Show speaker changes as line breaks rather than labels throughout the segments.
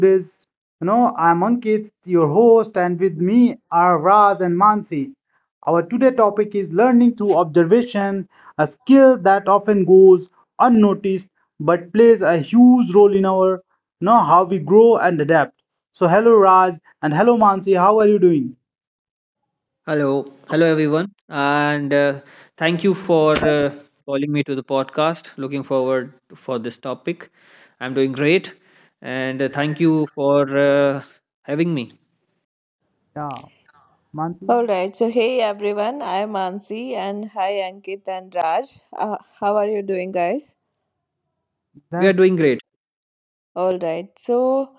this. I'm Ankit, your host, and with me are Raj and Mansi. Our today topic is learning through observation, a skill that often goes unnoticed but plays a huge role in our you know how we grow and adapt. So hello Raj and hello Mansi, how are you doing?
Hello, hello everyone, and thank you for calling me to the podcast. Looking forward for this topic. I'm doing great, and thank you for having me.
Yeah,
All
Mansi,
right. So, hey everyone, I'm Ansi and hi Ankit and Raj. How are you doing, guys?
We are
that's
doing great.
All right. So,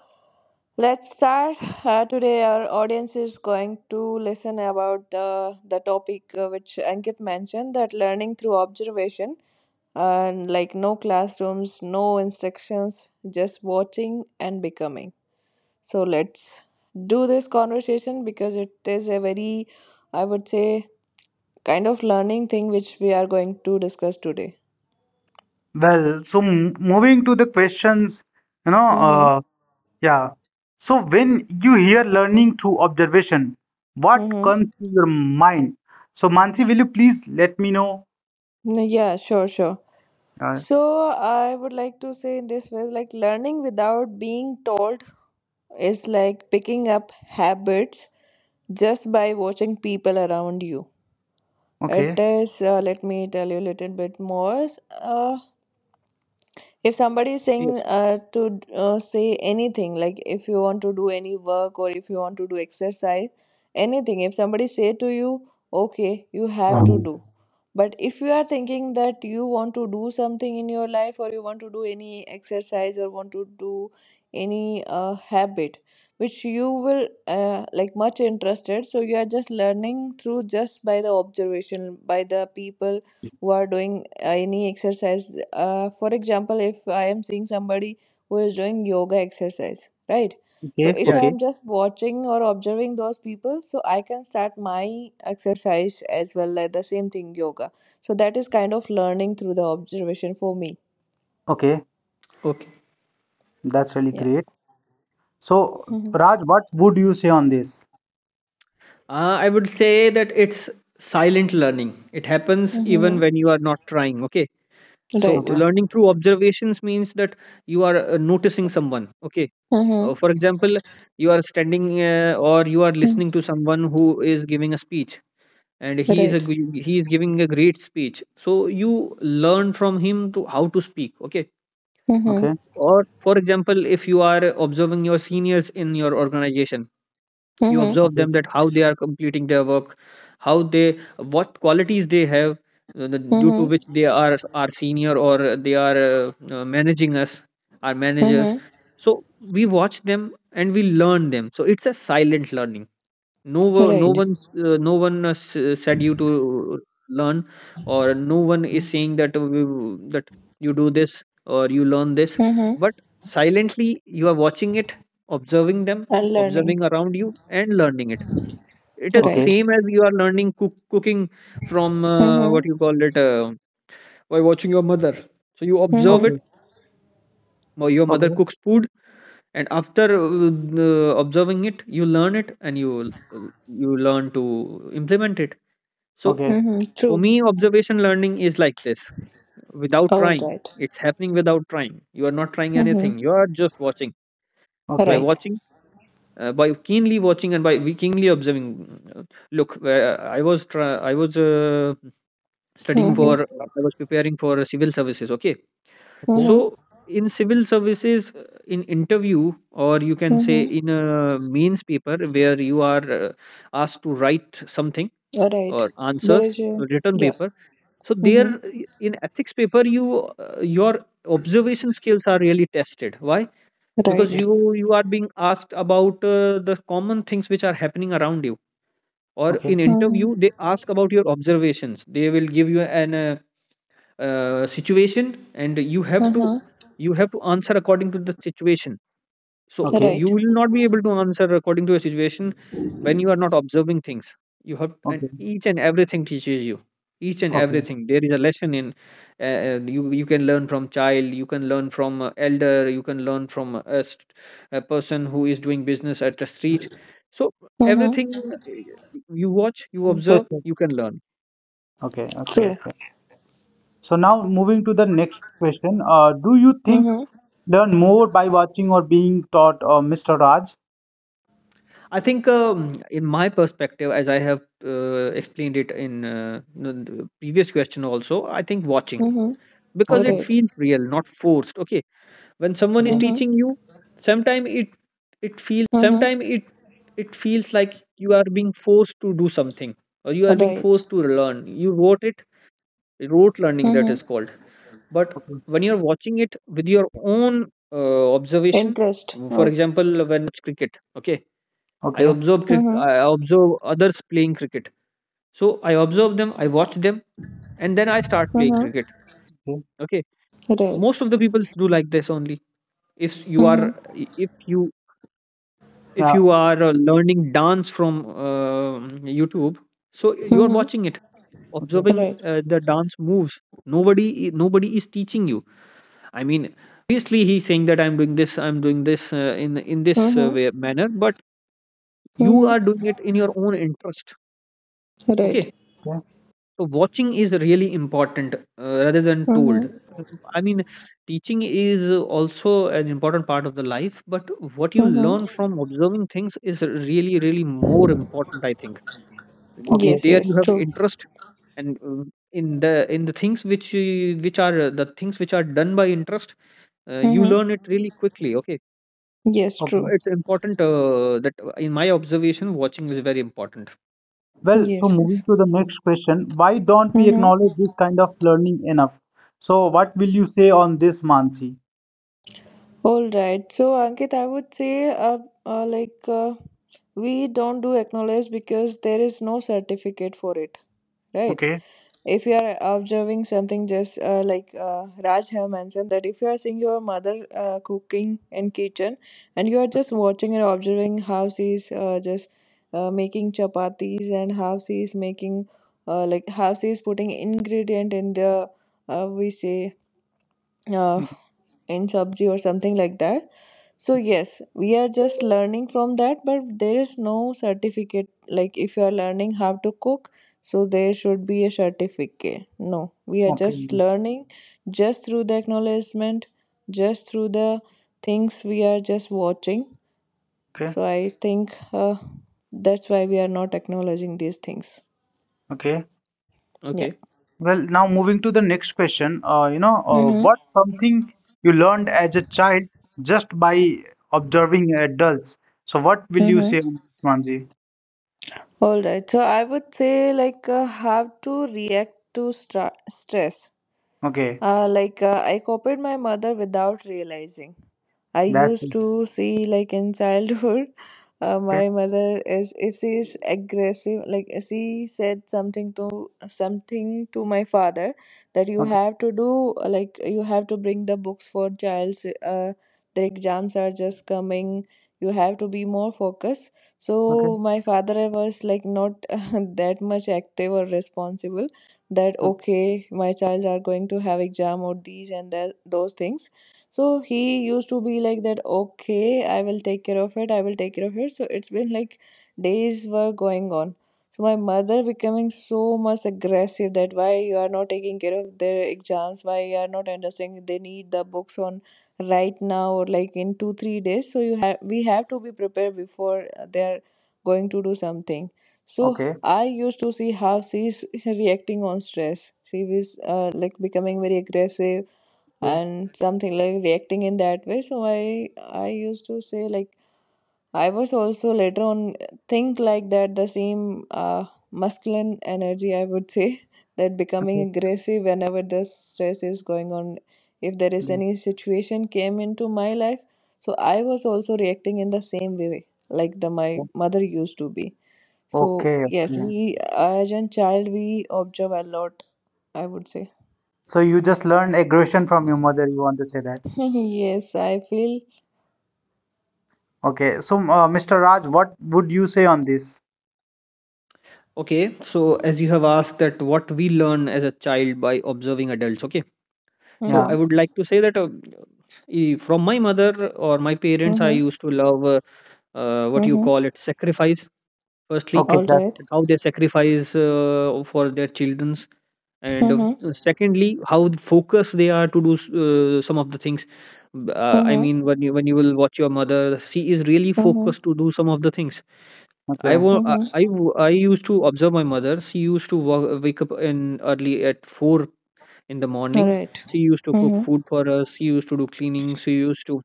let's start. Today, our audience is going to listen about the topic which Ankit mentioned, that learning through observation and like no classrooms, no instructions, just watching and becoming. So let's do this conversation because it is a very, I would say, kind of learning thing which we are going to discuss today.
well, so moving to the questions, you know,
Mm-hmm.
uh, yeah. So when you hear learning through observation, what
Mm-hmm.
comes to your mind? So Mansi, will you please let me know?
Yeah, sure, sure.
Uh,
So I would like to say, in this way, like learning without being told is like picking up habits just by watching people around you.
okay,
Let me tell you a little bit more. Uh, if somebody is saying,
Yes.
to say anything, like if you want to do any work or if you want to do exercise anything, if somebody say to you, okay, you have to do, but if you are thinking that you want to do something in your life, or you want to do any exercise or want to do any habit which you will like, much interested, so you are just learning through, just by the observation, by the people who are doing any exercise. For example, if I am seeing somebody who is doing yoga exercise, right? So
okay,
if
Yeah.
I am
okay,
just watching or observing those people, so I can start my exercise as well, like the same thing, yoga. So that is kind of learning through the observation for me.
okay.
Okay.
That's really
Yeah.
great. So
Mm-hmm.
Raj, what would you say on this?
I would say that it's silent learning. It happens even
Mm-hmm.
when you are not trying. Okay. So
Right.
Okay,
learning through observations means that you are noticing someone. Okay.
Mm-hmm.
For example, you are standing, or you are listening to someone who is giving a speech, and he is
Right.
he is giving a great speech. So you learn from him to how to speak. Okay.
Mm-hmm.
okay,
Or for example, if you are observing your seniors in your organization, you
Mm-hmm.
observe
okay,
them, that how they are completing their work, how they, what qualities they have, due to
Mm-hmm.
which they are senior, or they are managing us, our managers.
Mm-hmm.
So we watch them and we learn them. So it's a silent learning. No,
okay,
Right.
no one said you to learn, or no one is saying that that you do this or you learn this.
Mm-hmm.
But silently, you are watching it, observing them,
And learning.
observing around you, and learning it. It is
okay,
Right.
same as you are learning cooking from what
Mm-hmm.
you call it, by watching your mother. So you observe it,
okay,
Mm-hmm.
or your
okay,
mother
okay,
cooks food, and after observing it, you learn it, and uh, you learn to implement it. So
okay,
Mm-hmm.
for
True.
me, observation learning is like this without
All
trying.
right.
It's happening without trying. You are not trying
Mm-hmm.
anything. You are just watching. By
okay,
Right.
watching, by keenly watching and by we keenly observing. Look, I was studying
okay,
for.
Mm-hmm.
I was preparing for civil services. Okay,
okay,
Mm-hmm.
so in civil services, in interview, or you can say
Mm-hmm.
in a mains paper where you are asked to write something
Right.
or
There
answers,
is
so
a
written
yeah.
paper. So
Mm-hmm.
there in ethics paper, your observation skills are really tested. Why? Because
Right.
you are being asked about the common things which are happening around you, or in
Mm-hmm.
interview they ask about your observations. They will give you an situation and you have to
Mm-hmm.
you have to answer according to the situation. So
okay,
you
Right.
will not be able to answer according to your situation when you are not observing things. You have and
okay, okay,
each and everything teaches you. Each and
okay.
everything. There is a lesson in. You can learn from child. You can learn from elder. You can learn from a, person who is doing business at a street. So
Mm-hmm.
everything, uh, you watch, you observe,
Interesting.
you can learn.
Okay, okay,
True.
okay. So now moving to the next question. Do you think
Mm-hmm.
learn more by watching or being taught, Mr. Raj.
I think, in my perspective, as I have explained it in the previous question also, I think watching,
Mm-hmm.
because
Okay,
it
Right.
feels real, not forced. Okay. When someone is
okay,
Mm-hmm.
teaching you, sometimes it
Mm-hmm.
it feels like you are being forced to do something, or you are being
Right.
forced to learn. You wrote it rote learning, that
Mm-hmm.
is called. But
okay,
when you're watching it with your own observation,
Interest
for
or
example, when I was child, I used to watch cricket. Okay.
okay,
mm-hmm.
I observe others playing cricket. So I observe them, I watch them, and then I start playing cricket.
Mm-hmm.
okay.
Okay.
Right.
Most of the people do like this only. If you are
Mm-hmm.
if you if
Yeah,
you are learning dance from um YouTube, so
okay,
you are
Mm-hmm.
watching it,
okay,
observing
Right.
the dance moves. Nobody nobody is teaching you. I mean, obviously he's saying that I'm doing this in this
Mm-hmm.
way manner, but you
Mm-hmm.
are doing it in your own interest.
Right.
Okay.
okay,
So watching is really important, rather than told.
Mm-hmm.
I mean, teaching is also an important part of the life, but what you learn
Mm-hmm.
from observing things is really, really more important. I think
okay,
Yes,
there you
yes,
have
true.
interest, and in the things which are the things which are done by interest, you learn
Mm-hmm.
it really quickly. Okay,
Yes,
so
okay.
true.
it's important that in my observation, watching is very important.
Well, so
Yes, yes.
moving to the next question, why don't we
Mm-hmm.
acknowledge this kind of learning enough? So what will you say on this, Mansi?
All right. So, Ankit, I would say, like, we don't do acknowledge because there is no certificate for it, right?
Okay,
If you are observing something, just like Raj have mentioned, that if you are seeing your mother cooking in kitchen and you are just watching and observing how she is just making chapatis, and how she is making like, how she is putting ingredient in the, we say, uh,
mm,
in sabji or something like that. So yes, we are just learning from that, but there is no certificate. Like if you are learning how to cook, so there should be a certificate. No, we are
okay,
just learning just through the acknowledgement, just through the things we are just watching.
okay,
So I think that's why we are not acknowledging these things.
okay.
Okay.
Well, now moving to the next question,
Yeah. Mm-hmm.
what something you learned as a child just by observing adults? So what will you
Mm-hmm.
say on this, Mansi?
All right. So I would say, like how to react to stress.
Okay.
Like I copied my mother without realizing. I
That's
used
it.
to see, like in childhood,
Okay.
my mother is, if she is aggressive, like she said something to my father that you
Okay.
have to do, like you have to bring the books for child's, their exams are just coming. You have to be more focused. So
Okay.
my father was like not that much active or responsible. That,
Okay.
okay, my child are going to have exam or these and that, those things. So he used to be like that, okay, I will take care of it, I will take care of it. So it's been like days were going on. So my mother becoming so much aggressive, that why you are not taking care of their exams, why you are not understanding, they need the books on right now, or like in 2, 3 days. So you have we have to be prepared before they are going to do something. So
Okay.
I used to see how she's reacting on stress. She was like becoming very aggressive
Yeah.
and something like reacting in that way. So I used to say, like, I was also later on think like that, the same masculine energy, I would say, that becoming
Okay.
aggressive whenever the stress is going on, if there is
Yeah,
any situation came into my life. So I was also reacting in the same way like the my
yeah.
mother used to be. So
Okay.
yes,
Okay.
we as a child, we observe a lot, I would say.
So you just learned aggression from your mother. You want to say that.
Yes, I feel.
Okay. So, Mr. Raj, what would you say on this?
Okay, so as you have asked that what we learn as a child by observing adults, okay. So
Yeah.
Mm-hmm.
I would like to say that from my mother or my parents, I
Mm-hmm.
used to love what you
Mm-hmm.
call it, sacrifice, firstly,
Okay.
All right.
That's
and how they sacrifice for their children's, and
Mm-hmm.
secondly, how focused they are to do some of the things. I mean,
Mm-hmm.
when you will watch your mother, she is really
Mm-hmm.
focused to do some of the things. I
okay.
wa-
Mm-hmm.
I w- I used to observe my mother. She used to wake up in early at 4 in the
All
morning.
right.
She used to cook
Mm-hmm.
food for us. She used to do cleaning. She used to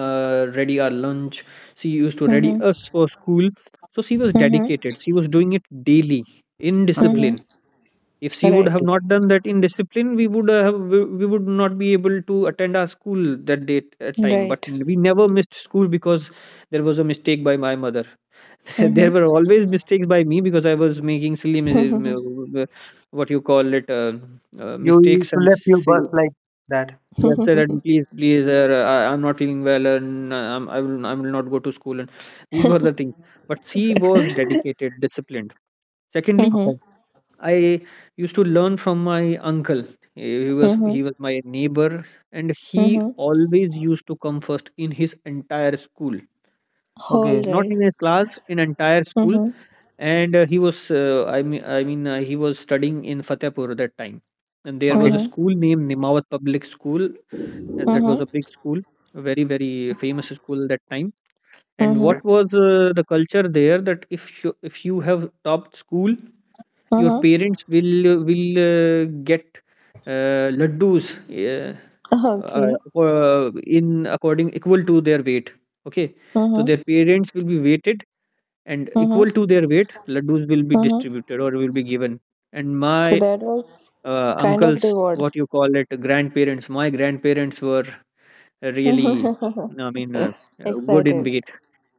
ready our lunch. She used to ready
Mm-hmm.
us for school. So she was
Mm-hmm.
dedicated. She was doing it daily in
Okay,
Mm-hmm.
discipline. If she would
Right.
have
okay.
not done that in discipline, we would not be able to attend our school that day at time. But
Right.
we never missed school because there was a mistake by my mother. There were
Mm-hmm.
always mistakes by me because I was making silly
Mm-hmm.
what you call it,
You
mistakes, and
left your
say,
bus like that.
yes sir, and please, please, sir, I'm not feeling well, and I will not go to school, and these were the things. But she was dedicated, disciplined. Secondly,
Mm-hmm.
Okay.
I used to learn from my uncle. he was
Mm-hmm.
he was my neighbor, and he
Mm-hmm.
always used to come first in his entire school,
All
Okay.
not
right.
in his class, in entire school.
Mm-hmm.
And he was, I mean, he was studying in Fatehpur that time, and there
Okay.
was a
Mm-hmm.
school named Nimawat Public School. That was a big school, a very very famous school that time. And
Mm-hmm.
Okay.
what was
Mm-hmm.
the culture there, that if you have topped school, your
Mm-hmm.
parents will get laddus,
Okay.
in according equal to their weight. Okay, so
Mm-hmm.
their parents will be weighted, and equal to
Mm-hmm.
their weight laddus will be
Mm-hmm.
distributed or will be given. And
So
my
that was kind
uncles
of reward.
what you call it grandparents my grandparents were really, I mean, good in
Excited.
weight,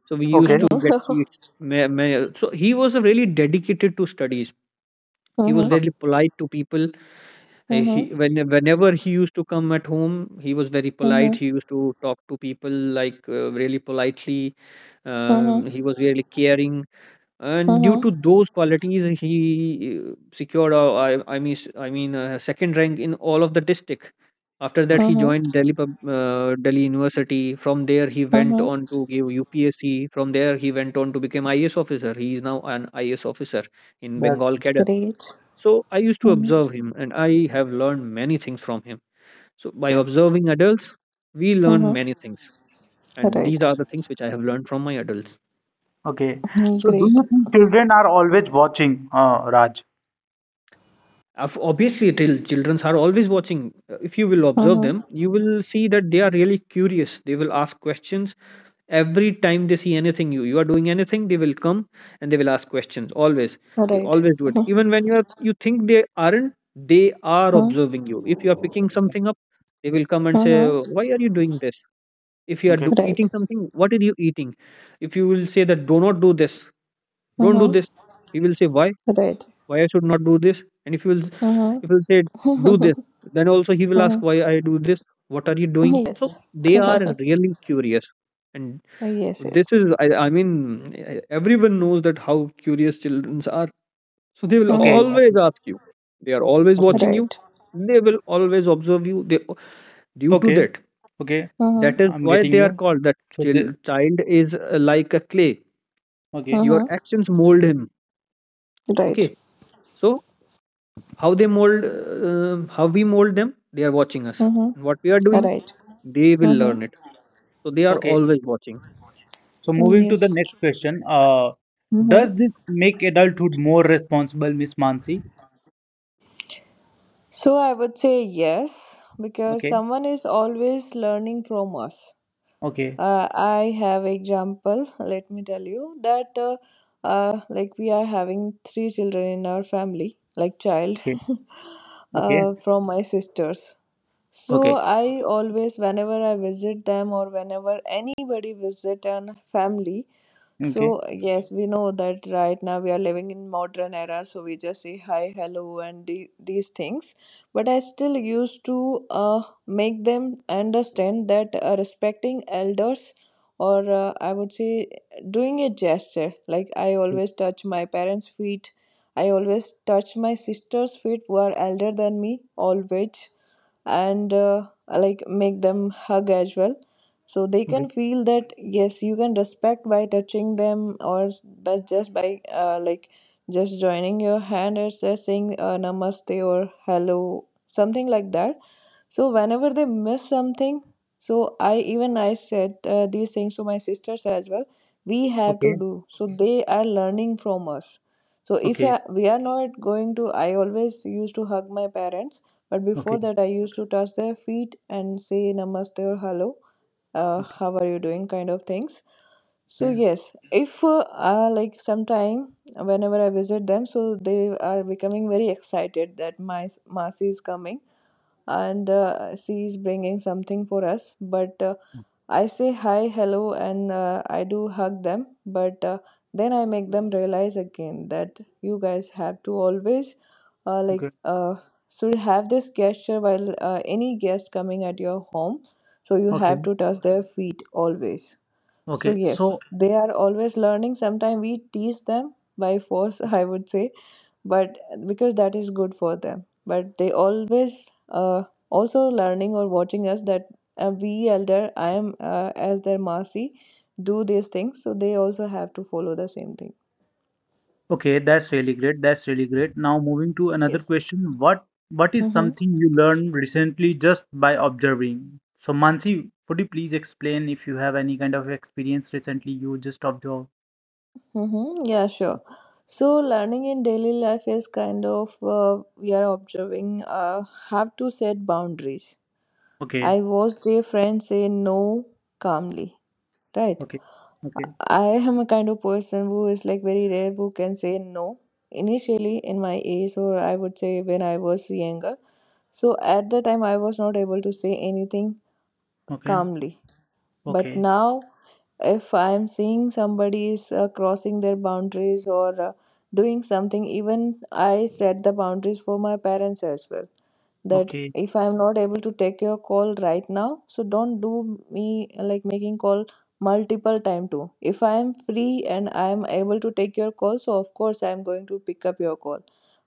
so we used
Okay.
to get
Mm-hmm.
sweets. So he was really dedicated to studies. He was
Mm-hmm.
Okay,
very polite to people.
Mm-hmm.
Whenever he used to come at home, he was very polite.
Mm-hmm.
He used to talk to people like really politely. He
Mm-hmm.
was really caring, and
Mhm.
due to those qualities, he secured I mean, second rank in all of the district. After that,
okay.
he
Mhm.
joined Delhi University. From there he went
Mhm.
on to give UPSC. From there he went on to become IS officer. He is now an IS officer in
That's
Bengal
it.
cadre.
Great.
So I used to observe
Mhm.
him, and I have learned many things from him. So by
Okay.
observing adults, we learn
Mhm.
many things, and these are
Right.
the things which I have learned from my adults.
Okay.
Mhm.
So do
Great.
you think children are always watching, Raj?
Obviously, till children are always watching. If you will observe
Mhm.
them, you will see that they are really curious. They will ask questions every time they see anything, you are doing anything, they will come and they will ask questions always. They
Right.
always do it. Even when you think they aren't, they are
Mhm.
observing you. If you are picking something up, they will come and say,
Mhm.
why are you doing this? If you are
Okay.
eating
Right.
something, what are you eating? If you will say that, do not do this, don't do
Mhm.
this, he will say, why
Right.
why I should not do this? And if you'll if
Mhm.
you'll say do this, then also he will ask,
Mhm.
why I do this? What are you doing? So
Yes.
they are really curious, and
Yes. Yes.
I mean, everyone knows that how curious children are. So they will
Okay.
Mhm.
always
Okay.
ask you. They are always
Okay.
watching you.
Right.
They will always observe you. They Due to
Okay.
that
Okay.
that
Mhm.
is
I'm
why
getting
they are
you.
called that
So the
child is like a clay.
okay,
Your
Mhm.
actions mold him.
Right.
Okay, so how we mold them, they are watching us,
Mhm.
and what we are doing
Right.
they will
Mhm.
learn it. So they are
okay.
always watching.
So moving to the
Yes.
next question. Does this make adulthood more responsible, Miss Mansi?
So I would say yes, because
Okay,
someone is always learning from us.
okay,
I have example. Let me tell you that like, we are having three children in our family, like child
okay, okay,
from my sisters. So
okay,
I always, whenever I visit them or whenever anybody visit an family, so
okay,
yes, we know that right now we are living in modern era, so we just say hi, hello, and these things, but I still used to make them understand that, respecting elders, or I would say doing a gesture, like I always touch my parents' feet, I always touch my sister's feet who are elder than me, always. And like make them hug as well, so they can
okay,
feel that yes, you can respect by touching them, but just by like just joining your hand and just saying namaste or hello, something like that. So whenever they miss something, so I even I said these things to my sisters as well, we have to
okay, okay,
do, so they are learning from us. So if
okay,
I, we are not going to I always used to hug my parents, but before
okay,
that I used to touch their feet and say namaste or hello,
okay,
how are you doing, kind of things. So yes, if like sometime, whenever I visit them, so they are becoming very excited that my masi is coming, and she is bringing something for us. But I say hi, hello, and I do hug them. But then I make them realize again that you guys have to always like,
okay,
should have this gesture while any guest coming at your home. So you
okay,
have to touch their feet always. So
okay.
yes,
So
they are always learning. Sometimes we teach them by force, I would say, but because that is good for them, but they always also learning or watching us, that we elder, I am, as their masi do these things, so they also have to follow the same thing.
okay, that's really great. That's really great. Now moving to another
Yes.
question. What is
Mm-hmm.
something you learned recently just by observing? So Mansi, could you please explain if you have any kind of experience recently you just observed?
Mm-hmm. Yeah, sure. So learning in daily life is kind of, we are observing, have to set boundaries.
Okay,
I watched their friends say no calmly, right?
okay, okay,
I am a kind of person who is like very rare who can say no. Initially, in my age, or I would say when I was younger, so at that time I was not able to say anything
okay,
calmly. But
okay,
now if I'm seeing somebody is crossing their boundaries, or doing something, even I set the boundaries for my parents as well, that
okay.
if I'm not able to take your call right now, so don't do me like making call multiple time too. If I'm free and I'm able to take your call, so of course I'm going to pick up your call,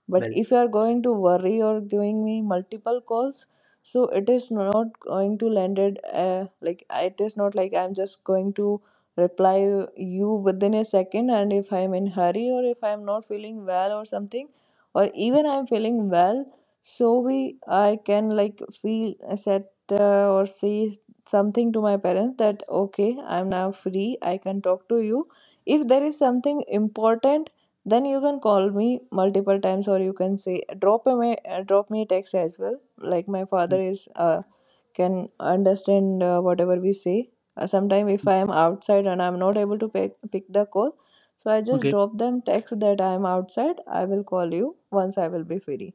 but
Well,
if you are going to worry or giving me multiple calls, so it is not going to landed, like, it is not like I'm just going to reply you within a second. And if I'm in hurry or if I'm not feeling well or something, or even I'm feeling well, so we I can like feel set, or say something to my parents that okay, I'm now free, I can talk to you. If there is something important, then you can call me multiple times, or you can say drop me a text as well. Like my father
well,
is can understand whatever we say. Sometime if I am outside and I'm not able to pick the call, so I just
okay,
drop them text that I am outside. I will call you once I will be free.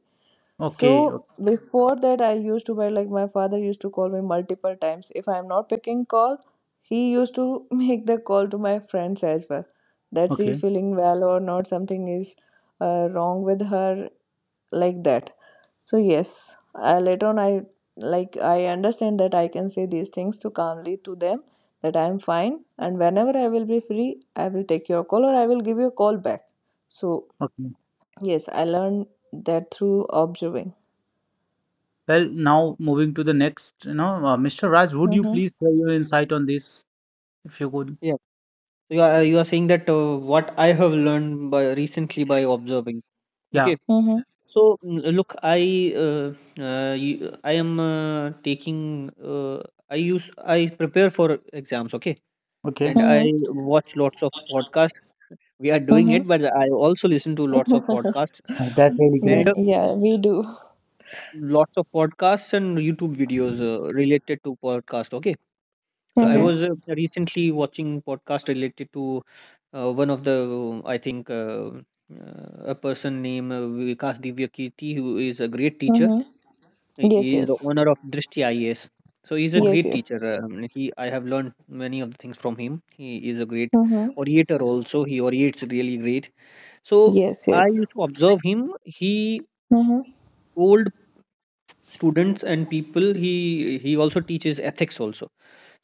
okay,
So before that, I used to buy like my father used to call me multiple times. If I'm not picking call, he used to make the call to my friends as well. That she is
okay,
feeling well or not, something is wrong with her, like that. So yes, I, later on I like I understand that I can say these things to calmly to them that I am fine and whenever I will be free I will take your call or I will give you a call back. So
okay.
yes, I learned that through observing.
Well, now moving to the next, Mr. Raj, would you
Mm-hmm.
please share your insight on this if you could?
Yes, you are saying that what I have learned by recently by observing.
Yeah,
Okay,
Mm-hmm.
so look, I you, I am taking I use I prepare for exams. Okay,
okay.
and I
Mm-hmm.
watch lots of podcasts. We are doing it, but I also listen to lots of
Mm-hmm.
podcasts.
Oh, that's really
And
great.
Yeah, we do.
lots of podcasts and YouTube videos related to podcast. Okay, so I
Mm-hmm.
Okay,
was recently watching podcast related to one of the I think a person named Vikas Divyakirti, who is a great teacher.
Mm-hmm.
He
Yes,
he is the
yes,
owner of Drishti IAS. So he's a
yes,
great
yes.
teacher. He I have learned many of the things from him. He is a great
Mm-hmm.
orator also. He orates really great. So
Yes,
I
yes.
used to observe him. He
Mm-hmm.
told students and people he, also teaches ethics also,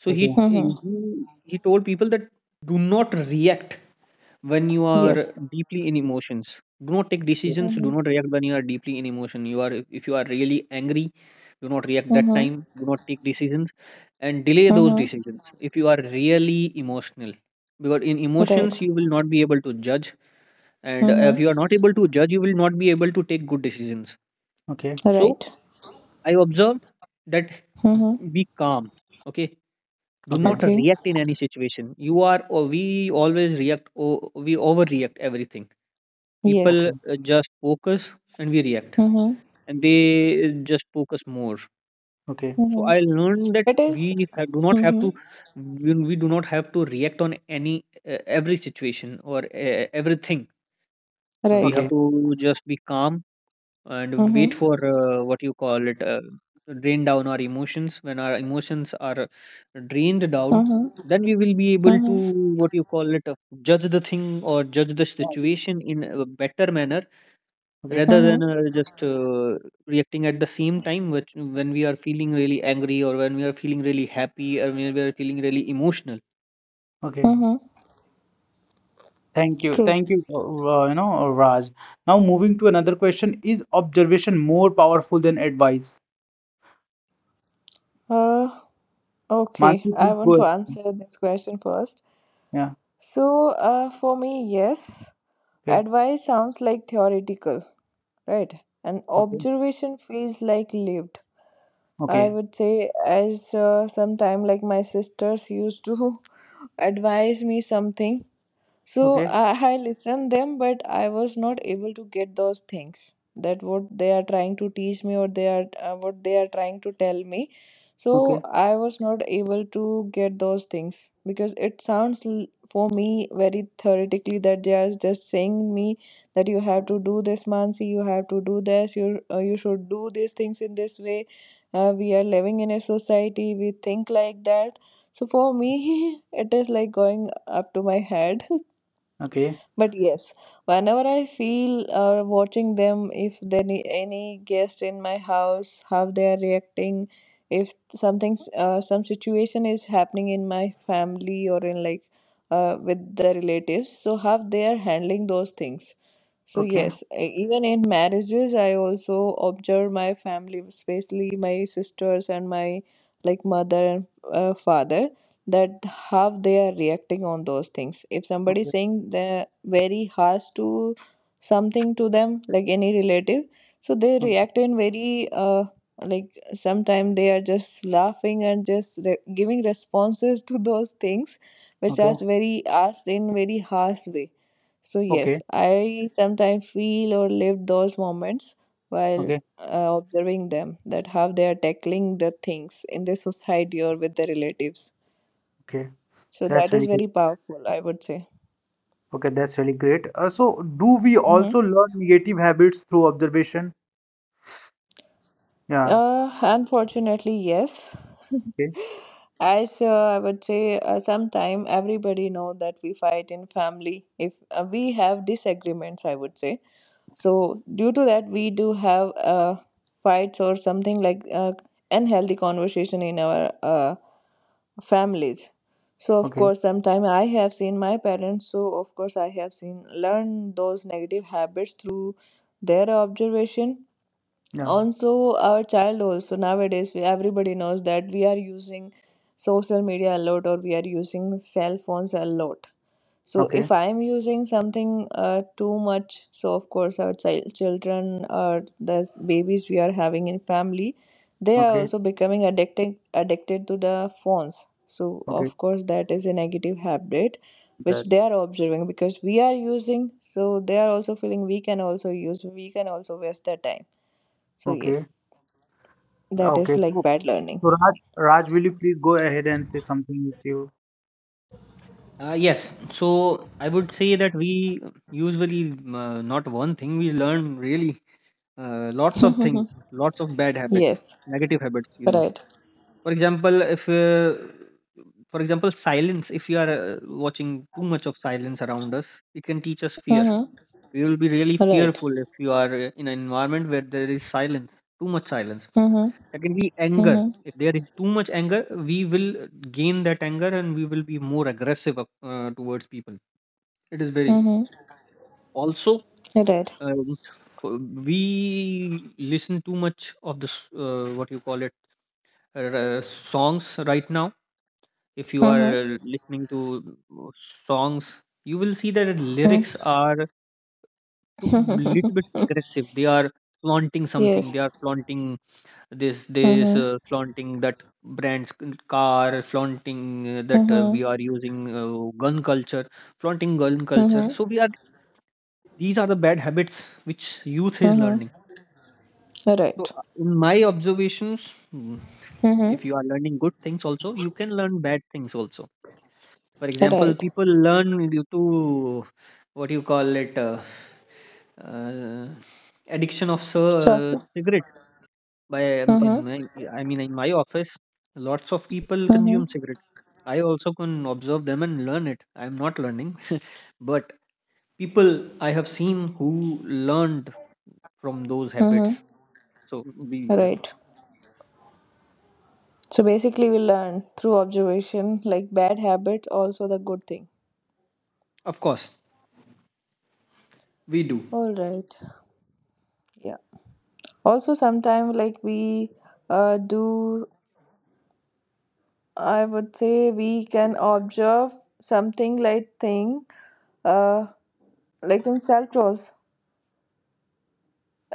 so he
okay, okay.
he,
Mm-hmm.
he told people that do not react when you are
Yes.
deeply in emotions, do not take decisions, do not
Mm-hmm.
react when you are deeply in emotion. You are, if you are really angry, do not react that
Mm-hmm.
time, do not take decisions, and delay those
Mm-hmm.
decisions if you are really emotional, because in
Right.
emotions you will not be able to judge, and
Mm-hmm.
if you are not able to judge you will not be able to take good decisions.
Okay,
So
Right.
I observed that
Mm-hmm.
be calm. Okay. Do
okay,
not
Okay.
react in any situation. You are, or we always react, or we overreact everything. People
okay,
Yes.
just focus and we react,
Mm-hmm.
and they just focus more.
okay,
So
Mm-hmm.
I learned that
It is.
do not have to,
Mm-hmm.
we do not have to react on any every situation or everything. We
Right.
have
okay,
to just be calm and
Mm-hmm.
wait for what you call it, drain down our emotions. When our emotions are drained down,
Mm-hmm.
then we will be able to
Mm-hmm.
what you call it, judge the thing or judge the situation in a better manner
okay,
rather than
Mm-hmm.
just reacting at the same time, which when we are feeling really angry or when we are feeling really happy or when we are feeling really emotional.
okay.
Mm-hmm. True.
Thank you, Raj. Now moving to another question, is observation more powerful than advice?
Uh, okay.
Mansi,
I
please go
want to
ahead.
answer this question first.
Yeah,
So, for me, yes,
okay,
advice sounds like theoretical, right? And
okay,
observation feels like lived. I
okay,
would say, as sometime like my sisters used to advise me something. So
okay,
I I listened them, but I was not able to get those things that what they are trying to teach me or they are what they are trying to tell me. So
okay,
I was not able to get those things because it sounds for me very theoretically, that they are just saying me that you have to do this, Mansi, you have to do this, you should do these things in this way. We are living in a society, we think like that. So for me, it is like going up to my head.
okay,
But yes, whenever I feel or watching them, if there any guest in my house, how they are reacting, if something, some situation is happening in my family or in like with the relatives, so how they are handling those things. So
okay,
yes, even in marriages, I also observe my family, especially my sisters and my like mother and father, that how they are reacting on those things. If somebody
okay,
saying the very harsh to something to them like any relative, so they react in very like sometimes they are just laughing and just giving responses to those things which are
okay,
very asked in very harsh way. So
okay,
yes, I sometimes feel or live those moments while
okay,
observing them, that how they are tackling the things in the society or with the relatives.
okay.
So
That's
that
really
is
good.
very powerful, I would say.
Okay, that's really great. So do we
Hmm.
also learn negative habits through observation? Yeah,
Unfortunately, yes.
okay,
As I would say, sometime everybody know that we fight in family if we have disagreements, I would say. So due to that we do have fights or something like unhealthy conversation in our families. So of
okay,
course sometime I have seen my parents, so of course I have seen learn those negative habits through their observation.
yeah,
Also our child, also nowadays we, everybody knows that we are using social media a lot or we are using cell phones a lot. So
okay,
if I am using something too much, so of course our child, children or the babies we are having in family, they are
okay,
also becoming addicted to the phones. So
okay,
of course that is a negative habit which
that.
they are observing because we are using, so they are also feeling we can also use, we can also waste their time. So yes,
Okay,
that
okay.
is like
So,
bad learning.
Raj, will you please go ahead and say something if you,
Yes, so I would say that we usually not one thing we learn, really lots of things, lots of bad habits,
Yes,
negative habits, you know,
right.
for example, if for example, silence. If you are watching too much of silence around us, it can teach us fear.
Mm-hmm.
We will be really
Right.
fearful if you are in an environment where there is silence, too much silence.
Mm-hmm.
That can be anger.
Mm-hmm.
If there is too much anger, we will gain that anger and we will be more aggressive towards people. It is very
Mm-hmm.
also
Right.
um, for, we listen too much of this, what you call it, songs right now. If you
Mm-hmm.
are listening to songs, you will see that lyrics are too, little bit
Mm-hmm.
aggressive. They are flaunting something. They
Yes.
are flaunting this, this,
Mm-hmm.
flaunting that brand's car, flaunting that
Mm-hmm.
we are using gun culture, flaunting gun culture.
Mm-hmm.
So we are. These are the bad habits which youth is learning.
Mm-hmm.
So,
Right.
in my observations,
Mm-hmm.
if you are learning good things also, you can learn bad things also. For example,
Right.
people learn due to what you call it, uh, addiction of
So.
cigarette. By in
Mm-hmm.
my, I mean in my office, lots of people
Mm-hmm.
consume cigarette. I also can observe them and learn it. I am not learning, but people I have seen who learned from those
Mm-hmm.
habits. So we, yes,
Right. So basically, we learn through observation, like bad habits, also the good thing.
of course we do
All right. Yeah. Also, sometimes like we do, I would say we can observe something like thing, uh, like in self-trolls.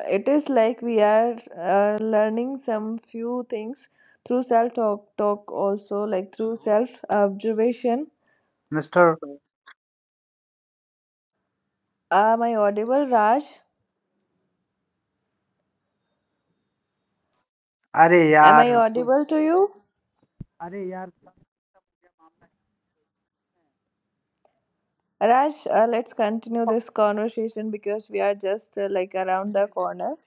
It is like we are learning some few things through self-talk, talk also, like through self-observation.
Mr.
Am I audible, Raj?
अरे
Am
यार
I audible to you?
अरे यार
Raj, let's continue this conversation because we are just like around the corner.